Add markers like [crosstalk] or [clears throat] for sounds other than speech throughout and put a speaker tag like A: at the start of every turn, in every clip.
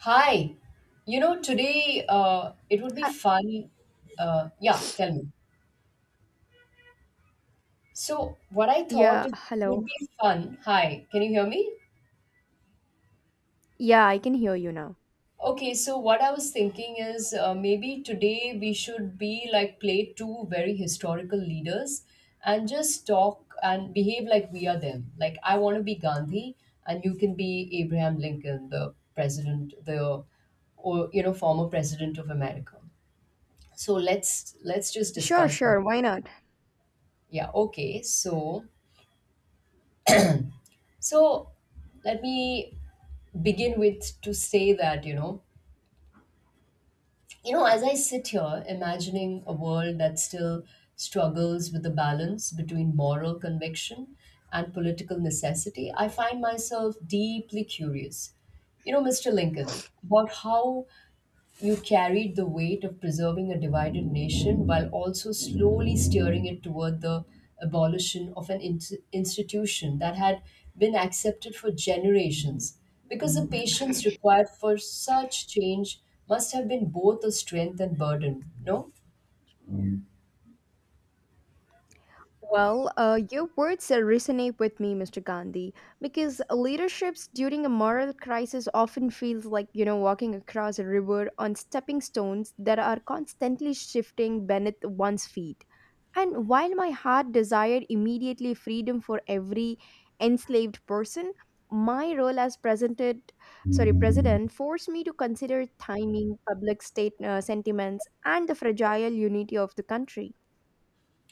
A: Hi, today it would be
B: Ha-
A: fun. Yeah, tell me. So, what I thought
B: Yeah,
A: it
B: hello.
A: would be fun. Hi, can you hear me?
B: Yeah, I can hear you now.
A: Okay, so what I was thinking is maybe today we should be like play two very historical leaders and just talk and behave like we are them. Like, I want to be Gandhi and you can be Abraham Lincoln, the president, the or you know, former president of America. So let's just
B: Sure,
A: discuss that.
B: sure, why not?
A: Yeah, okay. So, let me begin with to say that, as I sit here imagining a world that still struggles with the balance between moral conviction and political necessity, I find myself deeply curious, you know, Mr. Lincoln, about how you carried the weight of preserving a divided nation while also slowly steering it toward the abolition of an ins institution that had been accepted for generations. Because the patience required for such change must have been both a strength and burden, no?
B: Well, your words resonate with me, Mr. Gandhi, because leaderships during a moral crisis often feels like, you know, walking across a river on stepping stones that are constantly shifting beneath one's feet. And while my heart desired immediately freedom for every enslaved person, my role as president forced me to consider timing, public state sentiments, and the fragile unity of the country.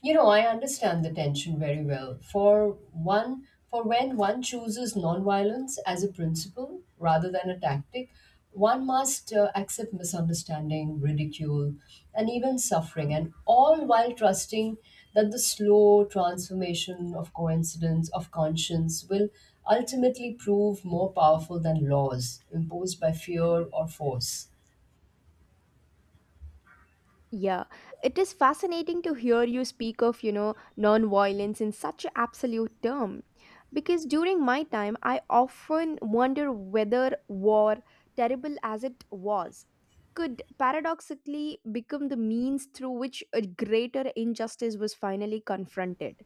A: You know, I understand the tension very well. For when one chooses nonviolence as a principle rather than a tactic, one must accept misunderstanding, ridicule, and even suffering, and all while trusting that the slow transformation of conscience, will ultimately prove more powerful than laws imposed by fear or force.
B: Yeah, it is fascinating to hear you speak of, you know, nonviolence in such an absolute term. Because during my time, I often wonder whether war, terrible as it was, could paradoxically become the means through which a greater injustice was finally confronted.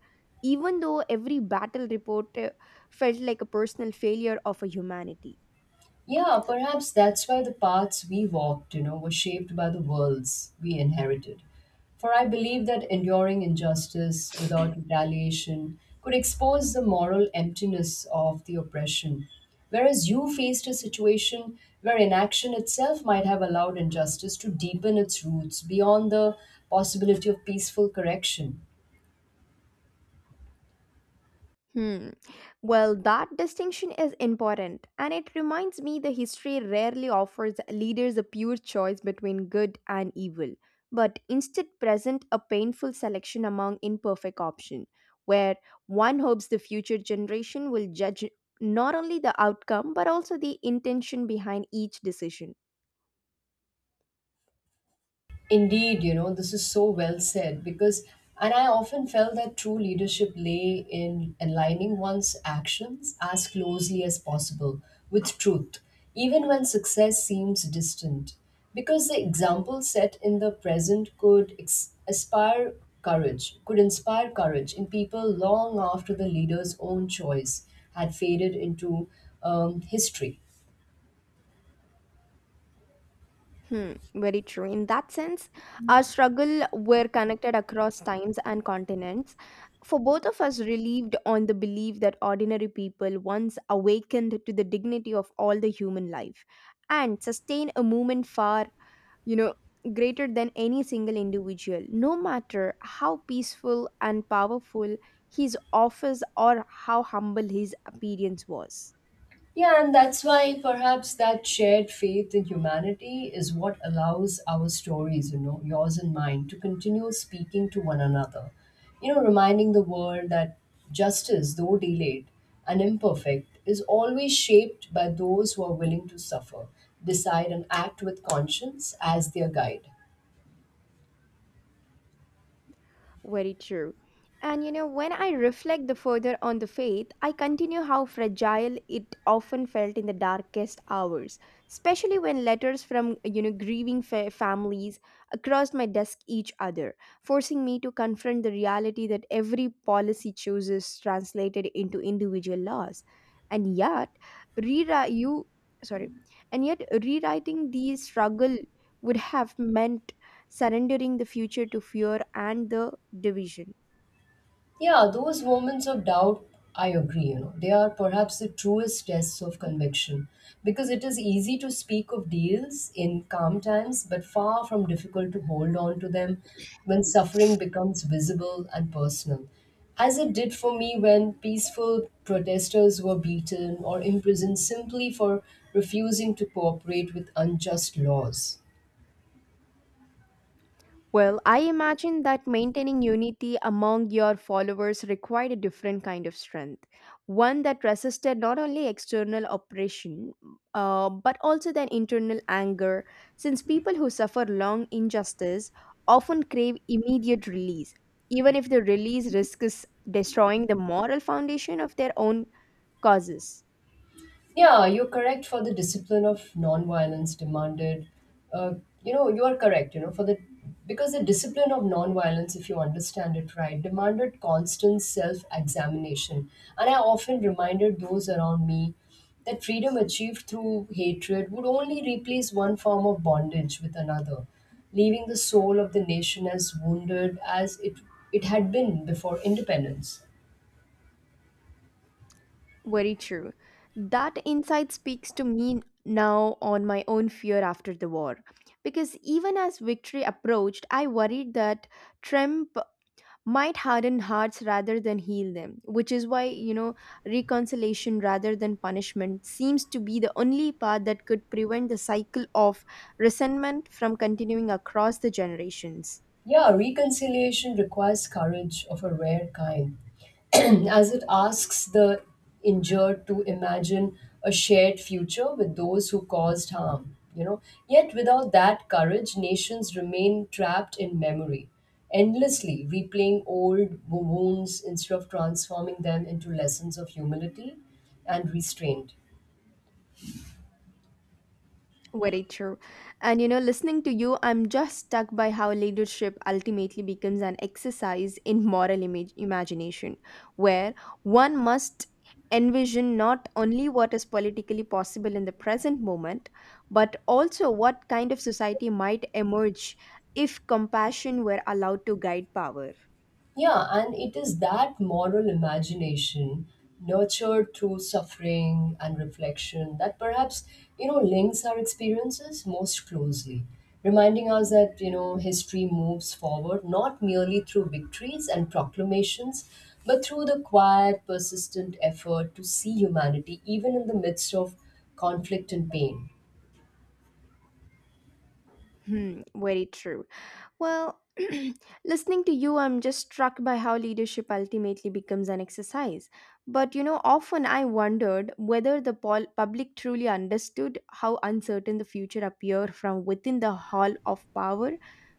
B: Even though every battle report felt like a personal failure of a humanity.
A: Yeah, perhaps that's why the paths we walked, you know, were shaped by the worlds we inherited. For I believe that enduring injustice without retaliation could expose the moral emptiness of the oppression, whereas you faced a situation where inaction itself might have allowed injustice to deepen its roots beyond the possibility of peaceful correction.
B: Hmm. Well, that distinction is important, and it reminds me the history rarely offers leaders a pure choice between good and evil, but instead present a painful selection among imperfect options, where one hopes the future generation will judge not only the outcome but also the intention behind each decision.
A: Indeed, you know, this is so well said because, and I often felt that true leadership lay in aligning one's actions as closely as possible with truth, even when success seems distant. Because the example set in the present could aspire courage, could inspire courage in people long after the leader's own choice had faded into history.
B: Hmm, very true. In that sense, our struggle were connected across times and continents. For both of us, relieved on the belief that ordinary people once awakened to the dignity of all the human life and sustain a movement far, you know, greater than any single individual, no matter how peaceful and powerful his office or how humble his appearance was.
A: Yeah, and that's why perhaps that shared faith in humanity is what allows our stories, you know, yours and mine, to continue speaking to one another. You know, reminding the world that justice, though delayed and imperfect, is always shaped by those who are willing to suffer, decide, and act with conscience as their guide.
B: Very true. And you know, when I reflect the further on the faith, I continue how fragile it often felt in the darkest hours, especially when letters from you know grieving families across my desk each other, forcing me to confront the reality that every policy chooses translated into individual laws. And yet, rewrite you sorry, and yet rewriting these struggle would have meant surrendering the future to fear and the division.
A: Yeah, those moments of doubt, I agree, you know, they are perhaps the truest tests of conviction because it is easy to speak of deals in calm times, but far from difficult to hold on to them when suffering becomes visible and personal. As it did for me when peaceful protesters were beaten or imprisoned simply for refusing to cooperate with unjust laws.
B: Well, I imagine that maintaining unity among your followers required a different kind of strength, one that resisted not only external oppression but also then internal anger, since people who suffer long injustice often crave immediate release, even if the release risks destroying the moral foundation of their own causes.
A: Yeah, you're correct for the discipline of nonviolence demanded. Uh, you know, you are correct, you know, for the Because the discipline of nonviolence, if you understand it right, demanded constant self examination. And I often reminded those around me that freedom achieved through hatred would only replace one form of bondage with another, leaving the soul of the nation as wounded as it had been before independence.
B: Very true. That insight speaks to me now on my own fear after the war. Because even as victory approached, I worried that Trump might harden hearts rather than heal them, which is why, you know, reconciliation rather than punishment seems to be the only path that could prevent the cycle of resentment from continuing across the generations.
A: Yeah, reconciliation requires courage of a rare kind, [clears throat] as it asks the injured to imagine a shared future with those who caused harm. You know, yet without that courage, nations remain trapped in memory, endlessly replaying old wounds instead of transforming them into lessons of humility and restraint.
B: Very true. And you know, listening to you, I'm just stuck by how leadership ultimately becomes an exercise in moral image imagination, where one must envision not only what is politically possible in the present moment, but also what kind of society might emerge if compassion were allowed to guide power.
A: Yeah, and it is that moral imagination nurtured through suffering and reflection that perhaps, you know, links our experiences most closely, reminding us that, you know, history moves forward not merely through victories and proclamations, but through the quiet, persistent effort to see humanity even in the midst of conflict and pain.
B: Hmm, very true. Well, [clears throat] listening to you, I'm just struck by how leadership ultimately becomes an exercise. But you know, often I wondered whether the public truly understood how uncertain the future appeared from within the hall of power,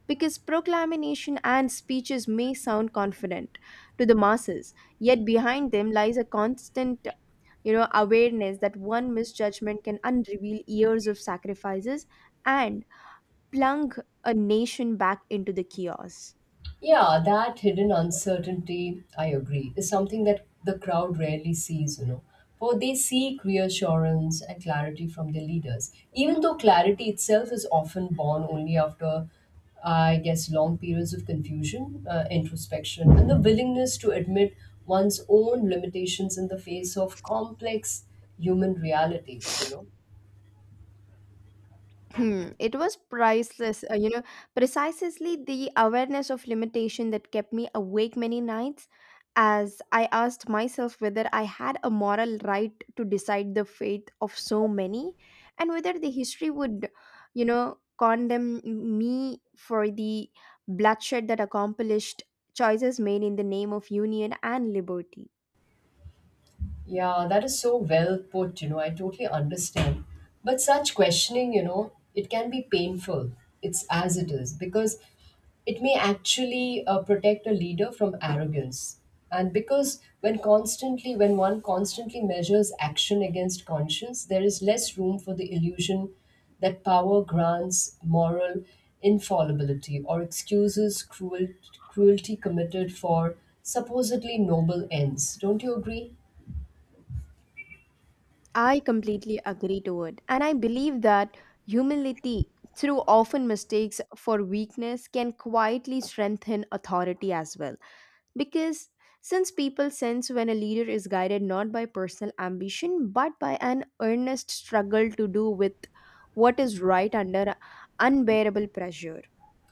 B: because proclamation and speeches may sound confident to the masses, yet behind them lies a constant you know awareness that one misjudgment can unreveal years of sacrifices and Plung a nation back into the chaos.
A: Yeah, that hidden uncertainty, I agree, is something that the crowd rarely sees, you know. For they seek reassurance and clarity from their leaders, even though clarity itself is often born only after, I guess, long periods of confusion, introspection, and the willingness to admit one's own limitations in the face of complex human realities, you know.
B: Hmm, it was priceless, you know, precisely the awareness of limitation that kept me awake many nights as I asked myself whether I had a moral right to decide the fate of so many and whether the history would, you know, condemn me for the bloodshed that accomplished choices made in the name of union and liberty.
A: Yeah, that is so well put, you know, I totally understand. But such questioning, you know, it can be painful. It's as it is because it may actually protect a leader from arrogance. And when one constantly measures action against conscience, there is less room for the illusion that power grants moral infallibility or excuses cruelty committed for supposedly noble ends. Don't you agree?
B: I completely agree to it. And I believe that humility, through often mistakes for weakness, can quietly strengthen authority as well. Because since people sense when a leader is guided not by personal ambition but by an earnest struggle to do with what is right under unbearable pressure.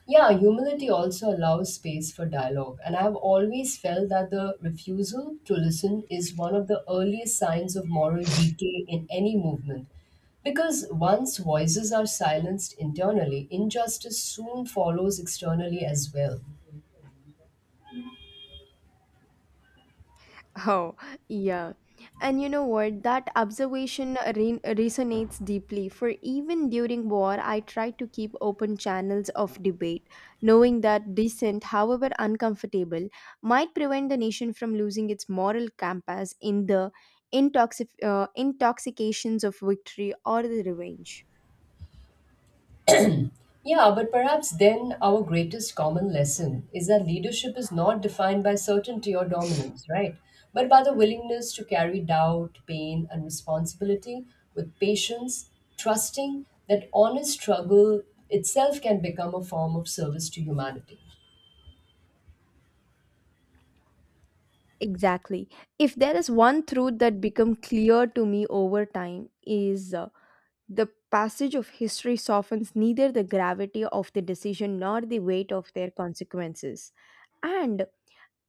A: Yeah, humility also allows space for dialogue, and I've always felt that the refusal to listen is one of the earliest signs of moral decay in any movement. Because once voices are silenced internally, injustice soon follows externally as well.
B: Oh, yeah. And you know what? That observation resonates deeply. For even during war, I try to keep open channels of debate, knowing that dissent, however uncomfortable, might prevent the nation from losing its moral compass in the intoxications of victory or the revenge.
A: Yeah, but perhaps then our greatest common lesson is that leadership is not defined by certainty or dominance, right? But by the willingness to carry doubt, pain, and responsibility with patience, trusting that honest struggle itself can become a form of service to humanity.
B: Exactly. If there is one truth that become clear to me over time is the passage of history softens neither the gravity of the decision nor the weight of their consequences. And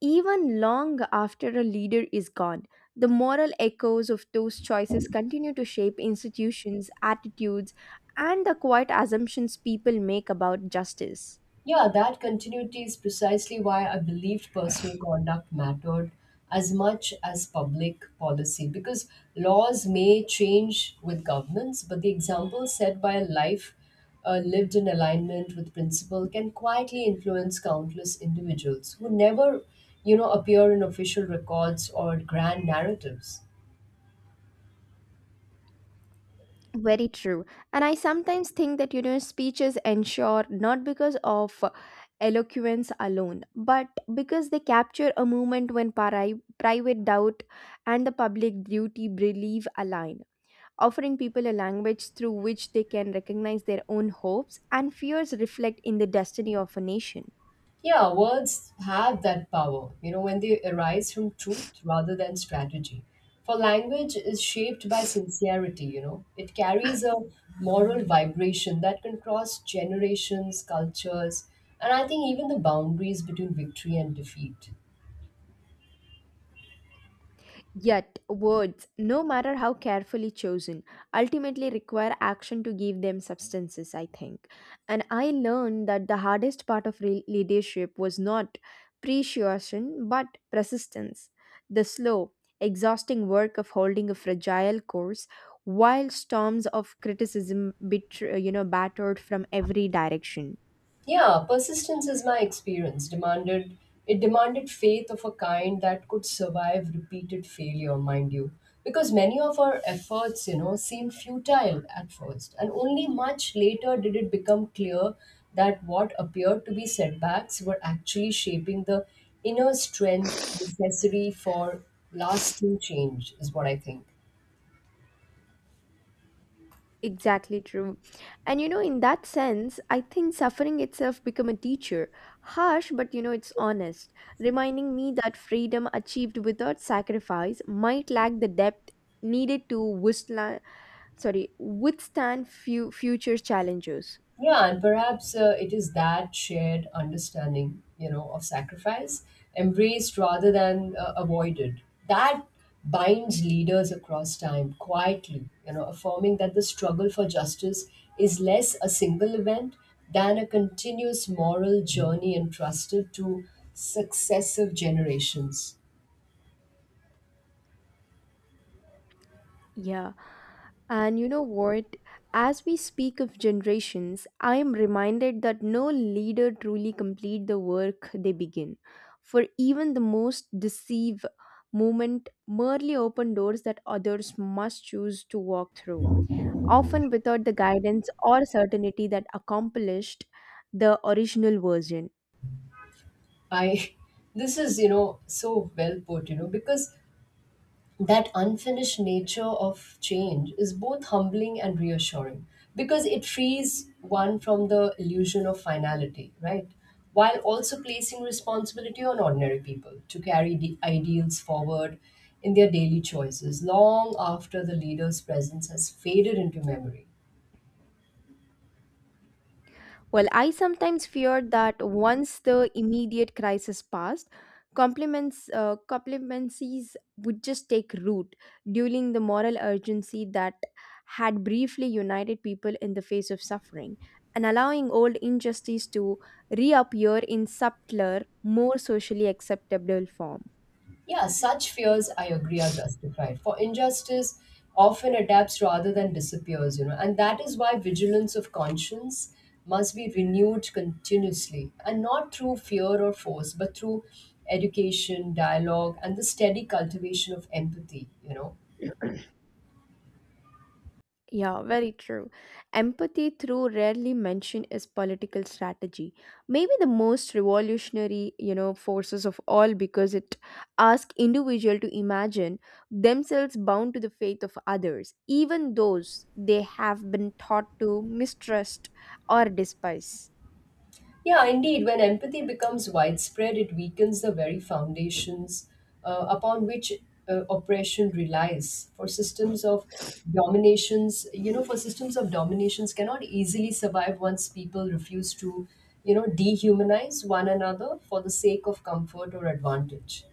B: even long after a leader is gone, the moral echoes of those choices continue to shape institutions, attitudes, and the quiet assumptions people make about justice.
A: Yeah, that continuity is precisely why I believed personal conduct mattered as much as public policy because laws may change with governments, but the example set by a life lived in alignment with principle can quietly influence countless individuals who never, you know, appear in official records or grand narratives.
B: Very true. And I sometimes think that, you know, speeches ensure not because of eloquence alone, but because they capture a moment when private doubt and the public duty believe align, offering people a language through which they can recognize their own hopes and fears reflect in the destiny of a nation.
A: Yeah, words have that power, you know, when they arise from truth rather than strategy. For language is shaped by sincerity, you know, it carries a moral vibration that can cross generations, cultures, and I think even the boundaries between victory and defeat.
B: Yet, words, no matter how carefully chosen, ultimately require action to give them substances, I think. And I learned that the hardest part of leadership was not persuasion but persistence. The slow, exhausting work of holding a fragile course while storms of criticism you know battered from every direction.
A: Yeah, persistence is my experience. Demanded it demanded faith of a kind that could survive repeated failure, mind you. Because many of our efforts, you know, seemed futile at first, and only much later did it become clear that what appeared to be setbacks were actually shaping the inner strength necessary for lasting change, is what I think.
B: Exactly true. And you know, in that sense, I think suffering itself become a teacher. Harsh, but you know, it's honest, reminding me that freedom achieved without sacrifice might lack the depth needed to withstand few future challenges.
A: Yeah, and perhaps it is that shared understanding, you know, of sacrifice embraced rather than avoided that binds leaders across time quietly, you know, affirming that the struggle for justice is less a single event than a continuous moral journey entrusted to successive generations.
B: Yeah. And you know what? As we speak of generations, I am reminded that no leader truly complete the work they begin. For even the most deceive movement merely open doors that others must choose to walk through, often without the guidance or certainty that accomplished the original version.
A: I [laughs] this is you know so well put you know because that unfinished nature of change is both humbling and reassuring because it frees one from the illusion of finality, right? While also placing responsibility on ordinary people to carry the ideals forward in their daily choices long after the leader's presence has faded into memory.
B: Well, I sometimes fear that once the immediate crisis passed, compliments complimencies would just take root, dueling the moral urgency that had briefly united people in the face of suffering, and allowing old injustice to reappear in subtler, more socially acceptable form.
A: Yeah, such fears, I agree, are justified. For injustice often adapts rather than disappears, you know, and that is why vigilance of conscience must be renewed continuously and not through fear or force, but through education, dialogue, and the steady cultivation of empathy, you know.
B: Yeah, very true. Empathy through rarely mentioned is political strategy. Maybe the most revolutionary, you know, forces of all because it asks individual to imagine themselves bound to the faith of others, even those they have been taught to mistrust or despise. [laughs]
A: Yeah, indeed. When empathy becomes widespread, it weakens the very foundations upon which oppression relies. For systems of dominations cannot easily survive once people refuse to, you know, dehumanize one another for the sake of comfort or advantage.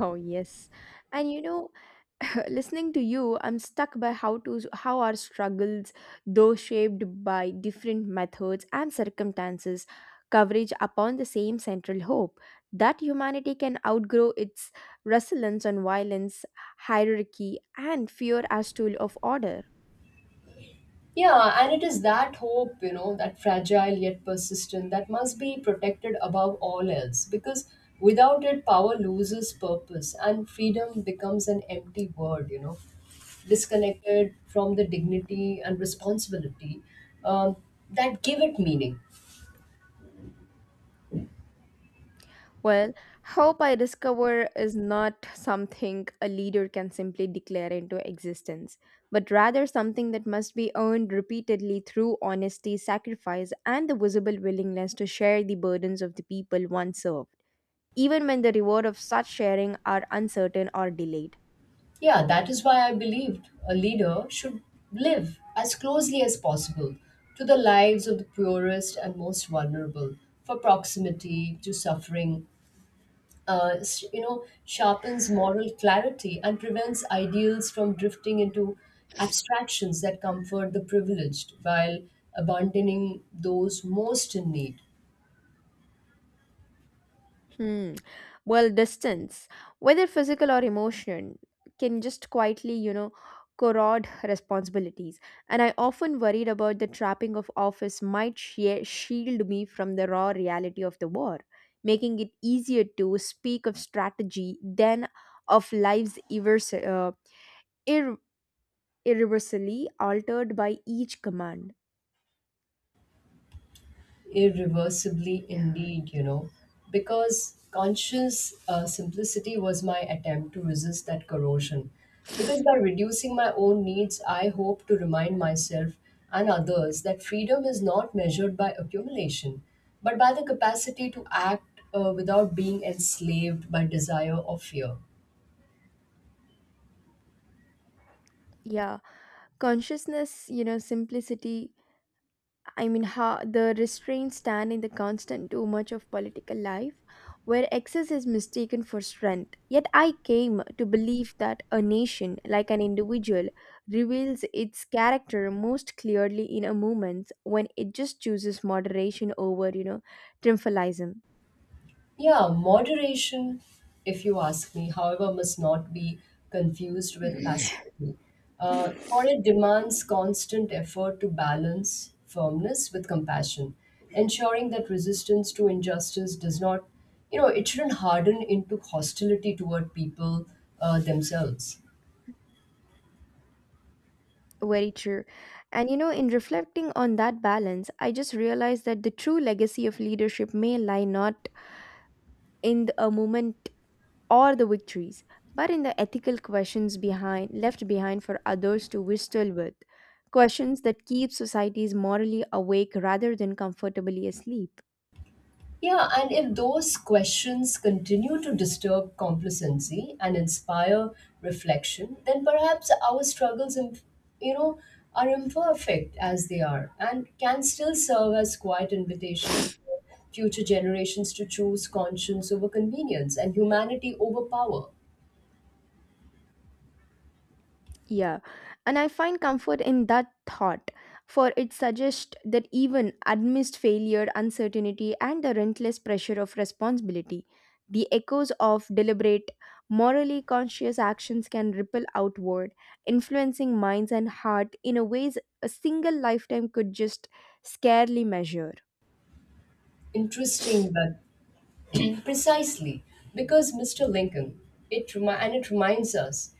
B: Oh yes. And you know, [laughs] listening to you I'm stuck by how our struggles though shaped by different methods and circumstances coverage upon the same central hope that humanity can outgrow its resilience on violence hierarchy and fear as tool of order.
A: Yeah, and it is that hope, you know, that fragile yet persistent, that must be protected above all else because without it, power loses purpose and freedom becomes an empty word, you know, disconnected from the dignity and responsibility um, that give it meaning.
B: Well, hope I discover is not something a leader can simply declare into existence, but rather something that must be earned repeatedly through honesty, sacrifice, and the visible willingness to share the burdens of the people one served, even when the reward of such sharing are uncertain or delayed.
A: Yeah, that is why I believed a leader should live as closely as possible to the lives of the poorest and most vulnerable for proximity to suffering you know, sharpens moral clarity and prevents ideals from drifting into abstractions that comfort the privileged while abandoning those most in need.
B: Hmm. Well, distance, whether physical or emotional, can just quietly, you know, corrode responsibilities. And I often worried about the trapping of office might shield me from the raw reality of the war, making it easier to speak of strategy than of lives ir- irreversibly altered by each command.
A: Irreversibly indeed, you know, because conscious simplicity was my attempt to resist that corrosion because by reducing my own needs I hope to remind myself and others that freedom is not measured by accumulation but by the capacity to act without being enslaved by desire or fear.
B: Yeah, consciousness, you know, simplicity I mean, how the restraints stand in the constant too much of political life, where excess is mistaken for strength. Yet I came to believe that a nation, like an individual, reveals its character most clearly in a moment when it just chooses moderation over, you know, triumphalism.
A: Yeah, moderation, if you ask me, however, must not be confused with passivity. For it demands constant effort to balance firmness with compassion, ensuring that resistance to injustice does not, you know, it shouldn't harden into hostility toward people themselves.
B: Very true. And you know, in reflecting on that balance, I just realized that the true legacy of leadership may lie not in a moment or the victories, but in the ethical questions behind left behind for others to wrestle with, questions that keep societies morally awake rather than comfortably asleep.
A: Yeah, and if those questions continue to disturb complacency and inspire reflection, then perhaps our struggles, you know, are imperfect as they are and can still serve as quiet invitations for future generations to choose conscience over convenience and humanity over power.
B: Yeah, and I find comfort in that thought, for it suggests that even amidst failure, uncertainty, and the relentless pressure of responsibility, the echoes of deliberate, morally conscious actions can ripple outward, influencing minds and heart in a ways a single lifetime could just scarcely measure.
A: Interesting, but Precisely, because Mr. Lincoln, it reminds us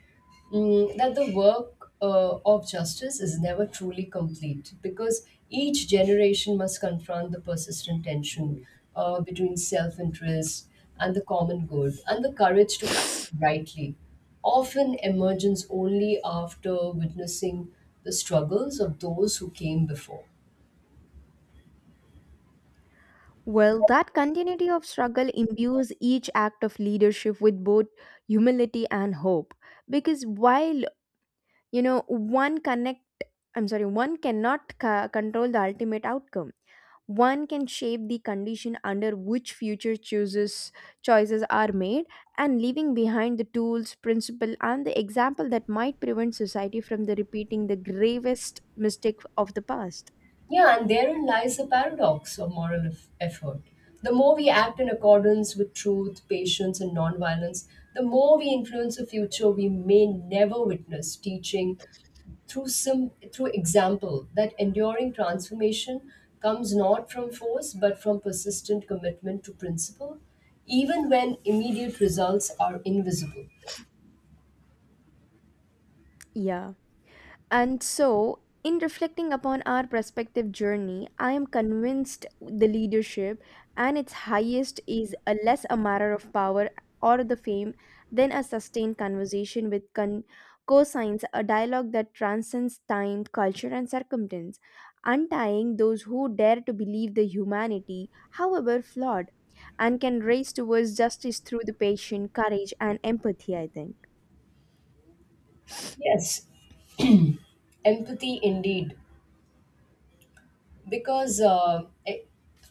A: that the work of justice is never truly complete because each generation must confront the persistent tension between self interest and the common good, and the courage to act rightly often emerges only after witnessing the struggles of those who came before.
B: Well, that continuity of struggle imbues each act of leadership with both humility and hope. Because while, you know, one connect, I'm sorry, one cannot control the ultimate outcome. One can shape the condition under which future chooses choices are made and leaving behind the tools, principle and the example that might prevent society from the repeating the gravest mistake of the past.
A: Yeah, and therein lies the paradox of moral effort. The more we act in accordance with truth, patience, and nonviolence, the more we influence a future we may never witness, teaching through example that enduring transformation comes not from force but from persistent commitment to principle, even when immediate results are invisible.
B: Yeah. And so, in reflecting upon our prospective journey, I am convinced the leadership and its highest is a less a matter of power or the fame than a sustained conversation with cosigns, a dialogue that transcends time, culture, and circumstance, untying those who dare to believe the humanity, however flawed, and can race towards justice through the patient courage and empathy. I think.
A: Yes, empathy indeed, because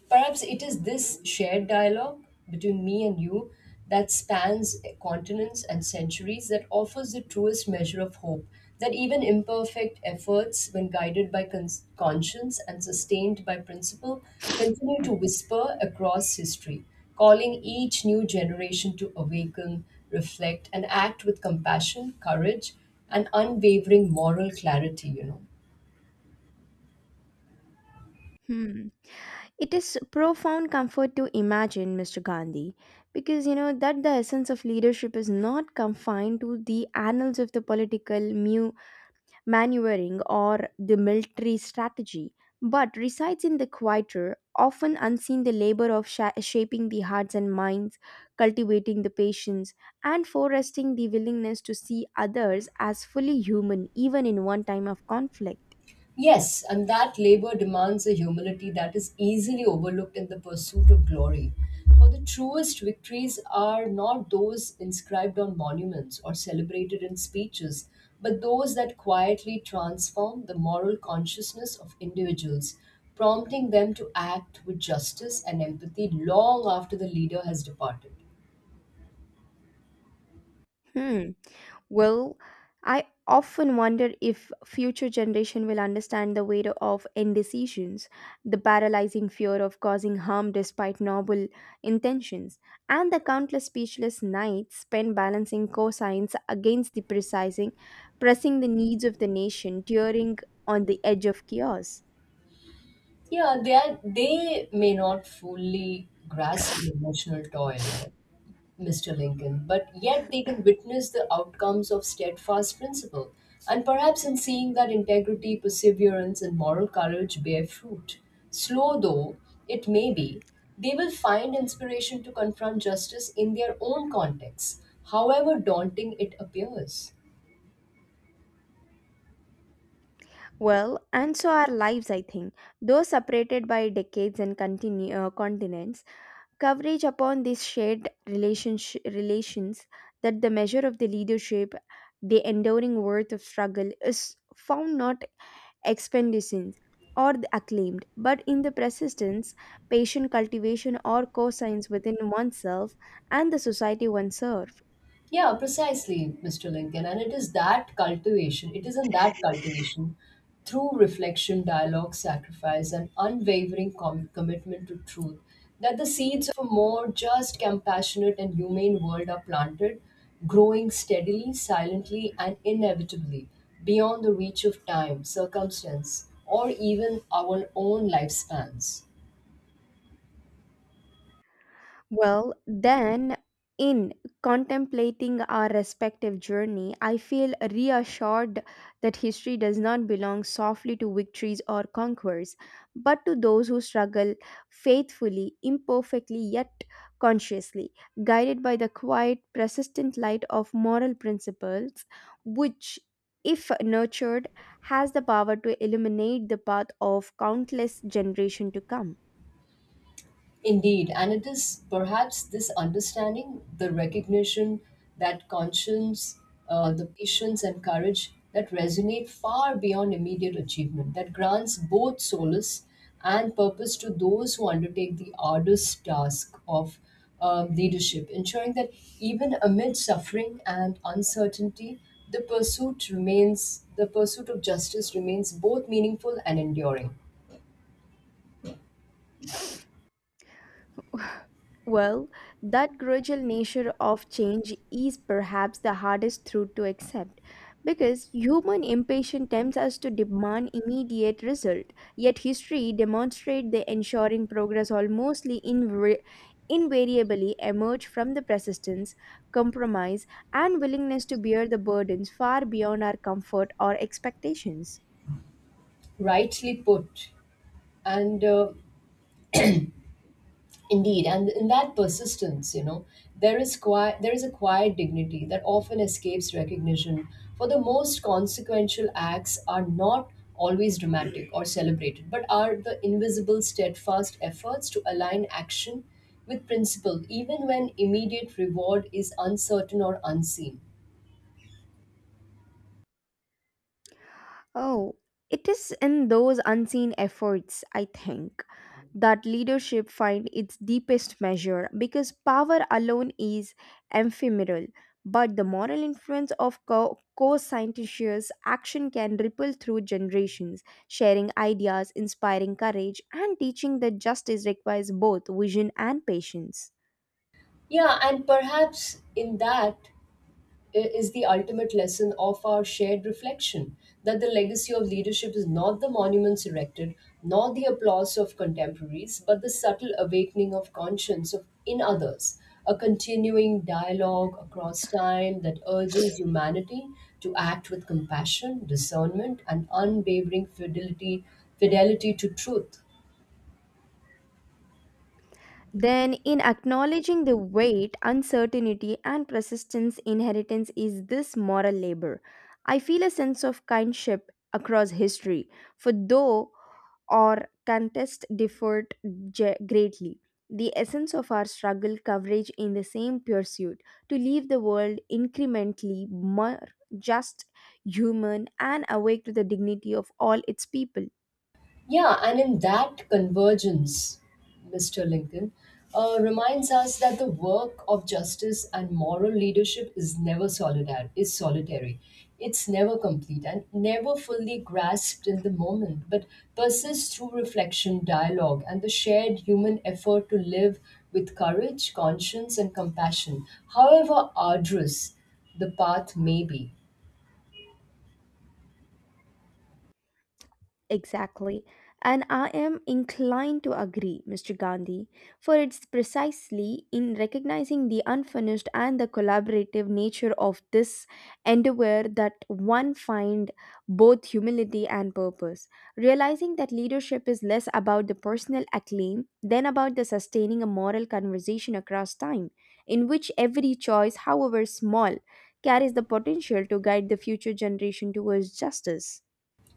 A: perhaps it is this shared dialogue between me and you that spans continents and centuries that offers the truest measure of hope that even imperfect efforts, when guided by conscience and sustained by principle, continue to whisper across history, calling each new generation to awaken, reflect, and act with compassion, courage, and unwavering moral clarity.
B: Hmm. It is profound comfort to imagine, Mr. Gandhi, because you know that the essence of leadership is not confined to the annals of the political mu maneuvering or the military strategy, but resides in the quieter, often unseen the labor of shaping the hearts and minds, cultivating the patience, and foresting the willingness to see others as fully human even in one time of conflict.
A: Yes, and that labor demands a humility that is easily overlooked in the pursuit of glory. For the truest victories are not those inscribed on monuments or celebrated in speeches, but those that quietly transform the moral consciousness of individuals, prompting them to act with justice and empathy long after the leader has departed.
B: Hmm. Well, I often wonder if future generation will understand the weight of indecisions, the paralyzing fear of causing harm despite noble intentions, and the countless speechless nights spent balancing cosines against the precising, pressing the needs of the nation, teetering on the edge of chaos.
A: Yeah, they may not fully grasp the emotional toil, Mr. Lincoln, but yet they can witness the outcomes of steadfast principle. And perhaps in seeing that integrity, perseverance, and moral courage bear fruit, slow though it may be, they will find inspiration to confront justice in their own context, however daunting it appears.
B: Well, and so our lives, I think, though separated by decades and continents, coverage upon these shared relations that the measure of the leadership, the enduring worth of struggle, is found not expeditions or the acclaimed, but in the persistence, patient cultivation, or co within oneself and the society one serves.
A: Yeah, precisely, Mr. Lincoln. And it is that cultivation, it is in that cultivation through reflection, dialogue, sacrifice, and unwavering commitment to truth that the seeds of a more just, compassionate, and humane world are planted, growing steadily, silently, and inevitably beyond the reach of time, circumstance, or even our own lifespans.
B: Well, then, in contemplating our respective journey, I feel reassured that history does not belong softly to victories or conquerors, but to those who struggle faithfully, imperfectly, yet consciously, guided by the quiet, persistent light of moral principles, which, if nurtured, has the power to illuminate the path of countless generations to come.
A: Indeed, and it is perhaps this understanding, the recognition that conscience, the patience, and courage that resonate far beyond immediate achievement, that grants both solace and purpose to those who undertake the arduous task of leadership, ensuring that even amid suffering and uncertainty, the pursuit of justice remains both meaningful and enduring.
B: Well, that gradual nature of change is perhaps the hardest truth to accept because human impatience tempts us to demand immediate result. Yet history demonstrates the ensuring progress almostly invariably emerge from the persistence, compromise, and willingness to bear the burdens far beyond our comfort or expectations.
A: Rightly put. And Indeed, and in that persistence, you know, there is a quiet dignity that often escapes recognition. For the most consequential acts are not always dramatic or celebrated, but are the invisible, steadfast efforts to align action with principle, even when immediate reward is uncertain or unseen.
B: Oh, it is in those unseen efforts, I think, that leadership finds its deepest measure because power alone is ephemeral, but the moral influence of co scientists' action can ripple through generations, sharing ideas, inspiring courage, and teaching that justice requires both vision and patience.
A: Yeah, and perhaps in that is the ultimate lesson of our shared reflection, that the legacy of leadership is not the monuments erected, nor the applause of contemporaries, but the subtle awakening of conscience in others, a continuing dialogue across time that urges humanity to act with compassion, discernment, and unwavering fidelity to truth.
B: Then, in acknowledging the weight, uncertainty, and persistence inheritance is this moral labor. I feel a sense of kinship across history, for though or contest differed greatly. The essence of our struggle coverage in the same pursuit to leave the world incrementally more just, human, and awake to the dignity of all its people.
A: Yeah, and in that convergence, Mr. Lincoln reminds us that the work of justice and moral leadership is never solidar- is solitary. It's never complete and never fully grasped in the moment, but persists through reflection, dialogue, and the shared human effort to live with courage, conscience, and compassion, however arduous the path may be.
B: Exactly. And I am inclined to agree, Mr. Gandhi, for it's precisely in recognizing the unfinished and the collaborative nature of this endeavor that one find both humility and purpose. Realizing that leadership is less about the personal acclaim than about the sustaining a moral conversation across time, in which every choice, however small, carries the potential to guide the future generation towards justice.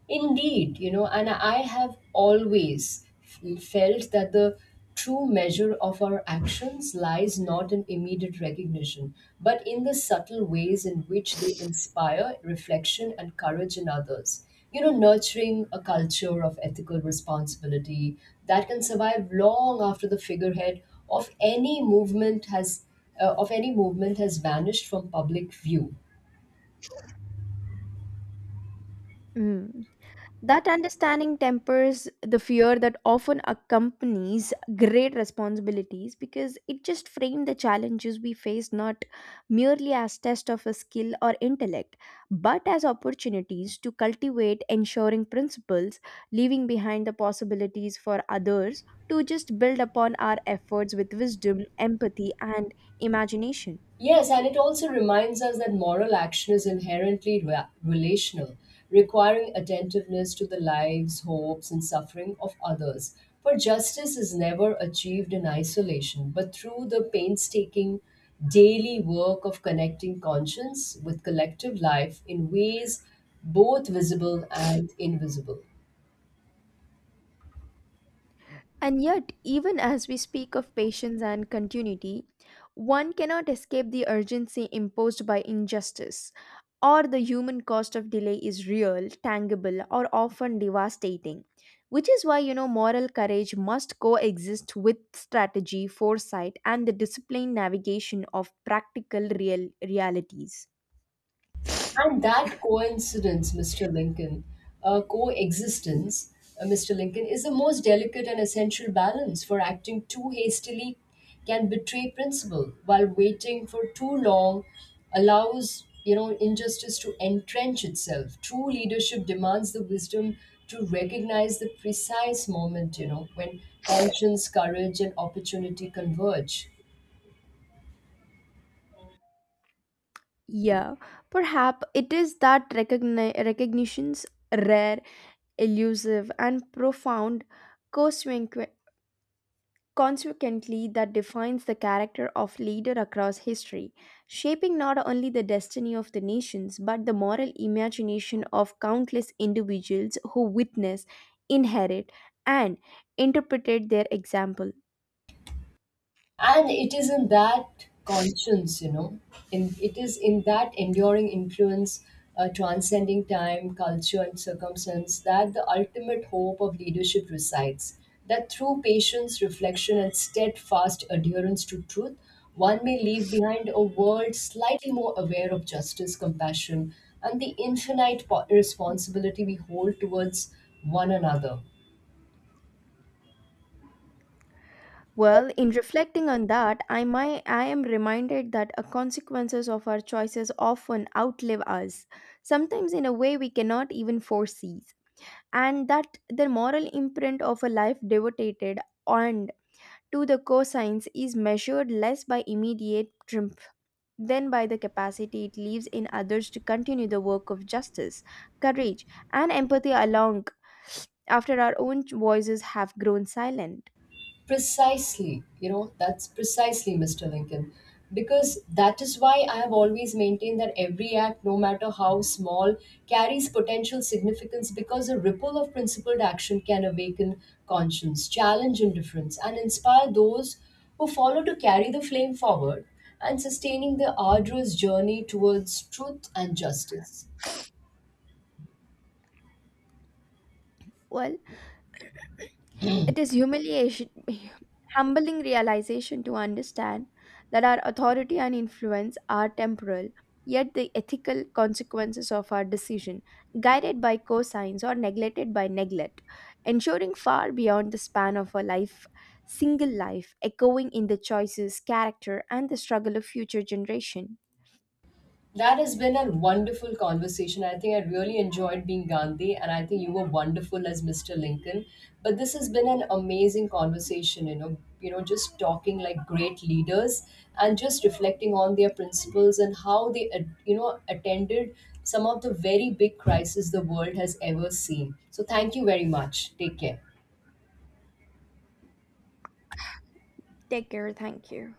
A: Indeed, you know, and I have always felt that the true measure of our actions lies not in immediate recognition, but in the subtle ways in which they inspire reflection and courage in others. You know, nurturing a culture of ethical responsibility that can survive long after the figurehead of any movement has of any movement has vanished from public view.
B: Mm. That understanding tempers the fear that often accompanies great responsibilities because it just frames the challenges we face not merely as test of a skill or intellect, but as opportunities to cultivate ensuring principles, leaving behind the possibilities for others to just build upon our efforts with wisdom, empathy, and imagination.
A: Yes, and it also reminds us that moral action is inherently relational, requiring attentiveness to the lives, hopes, and suffering of others. For justice is never achieved in isolation, but through the painstaking, daily work of connecting conscience with collective life in ways both visible and invisible.
B: And yet, even as we speak of patience and continuity, one cannot escape the urgency imposed by injustice, or the human cost of delay is real, tangible, or often devastating. Which is why, you know, moral courage must coexist with strategy, foresight, and the disciplined navigation of practical realities.
A: And that coincidence, Mr. Lincoln, uh, Coexistence, Mr. Lincoln, is the most delicate and essential balance, for acting too hastily can betray principle, while waiting for too long allows, you know, injustice to entrench itself. True leadership demands the wisdom to recognize the precise moment, you know, when conscience, courage, and opportunity converge.
B: Yeah, perhaps it is that recognition's rare, elusive, and profound consequently, that defines the character of leader across history, shaping not only the destiny of the nations but the moral imagination of countless individuals who witness, inherit, and interpret their example.
A: And it is in that conscience, you know, in it is in that enduring influence, transcending time, culture, and circumstance, that the ultimate hope of leadership resides, that through patience, reflection, and steadfast adherence to truth, one may leave behind a world slightly more aware of justice, compassion, and the infinite responsibility we hold towards one another.
B: Well, in reflecting on that, I am reminded that the consequences of our choices often outlive us, sometimes in a way we cannot even foresee. And that the moral imprint of a life devoted and to the cosines is measured less by immediate triumph than by the capacity it leaves in others to continue the work of justice, courage, and empathy along after our own voices have grown silent.
A: Precisely, Mr. Lincoln. Because that is why I have always maintained that every act, no matter how small, carries potential significance, because a ripple of principled action can awaken conscience, challenge indifference, and inspire those who follow to carry the flame forward and sustaining the arduous journey towards truth and justice.
B: Well, it is humiliation, [laughs] humbling realization to understand that our authority and influence are temporal, yet the ethical consequences of our decision, guided by cosigns or neglected by neglect, ensuring far beyond the span of single life, echoing in the choices, character, and the struggle of future generation.
A: That has been a wonderful conversation. I think I really enjoyed being Gandhi, and I think you were wonderful as Mr. Lincoln. But this has been an amazing conversation, just talking like great leaders and just reflecting on their principles and how they, attended some of the very big crises the world has ever seen. So thank you very much. Take care.
B: Take care. Thank you.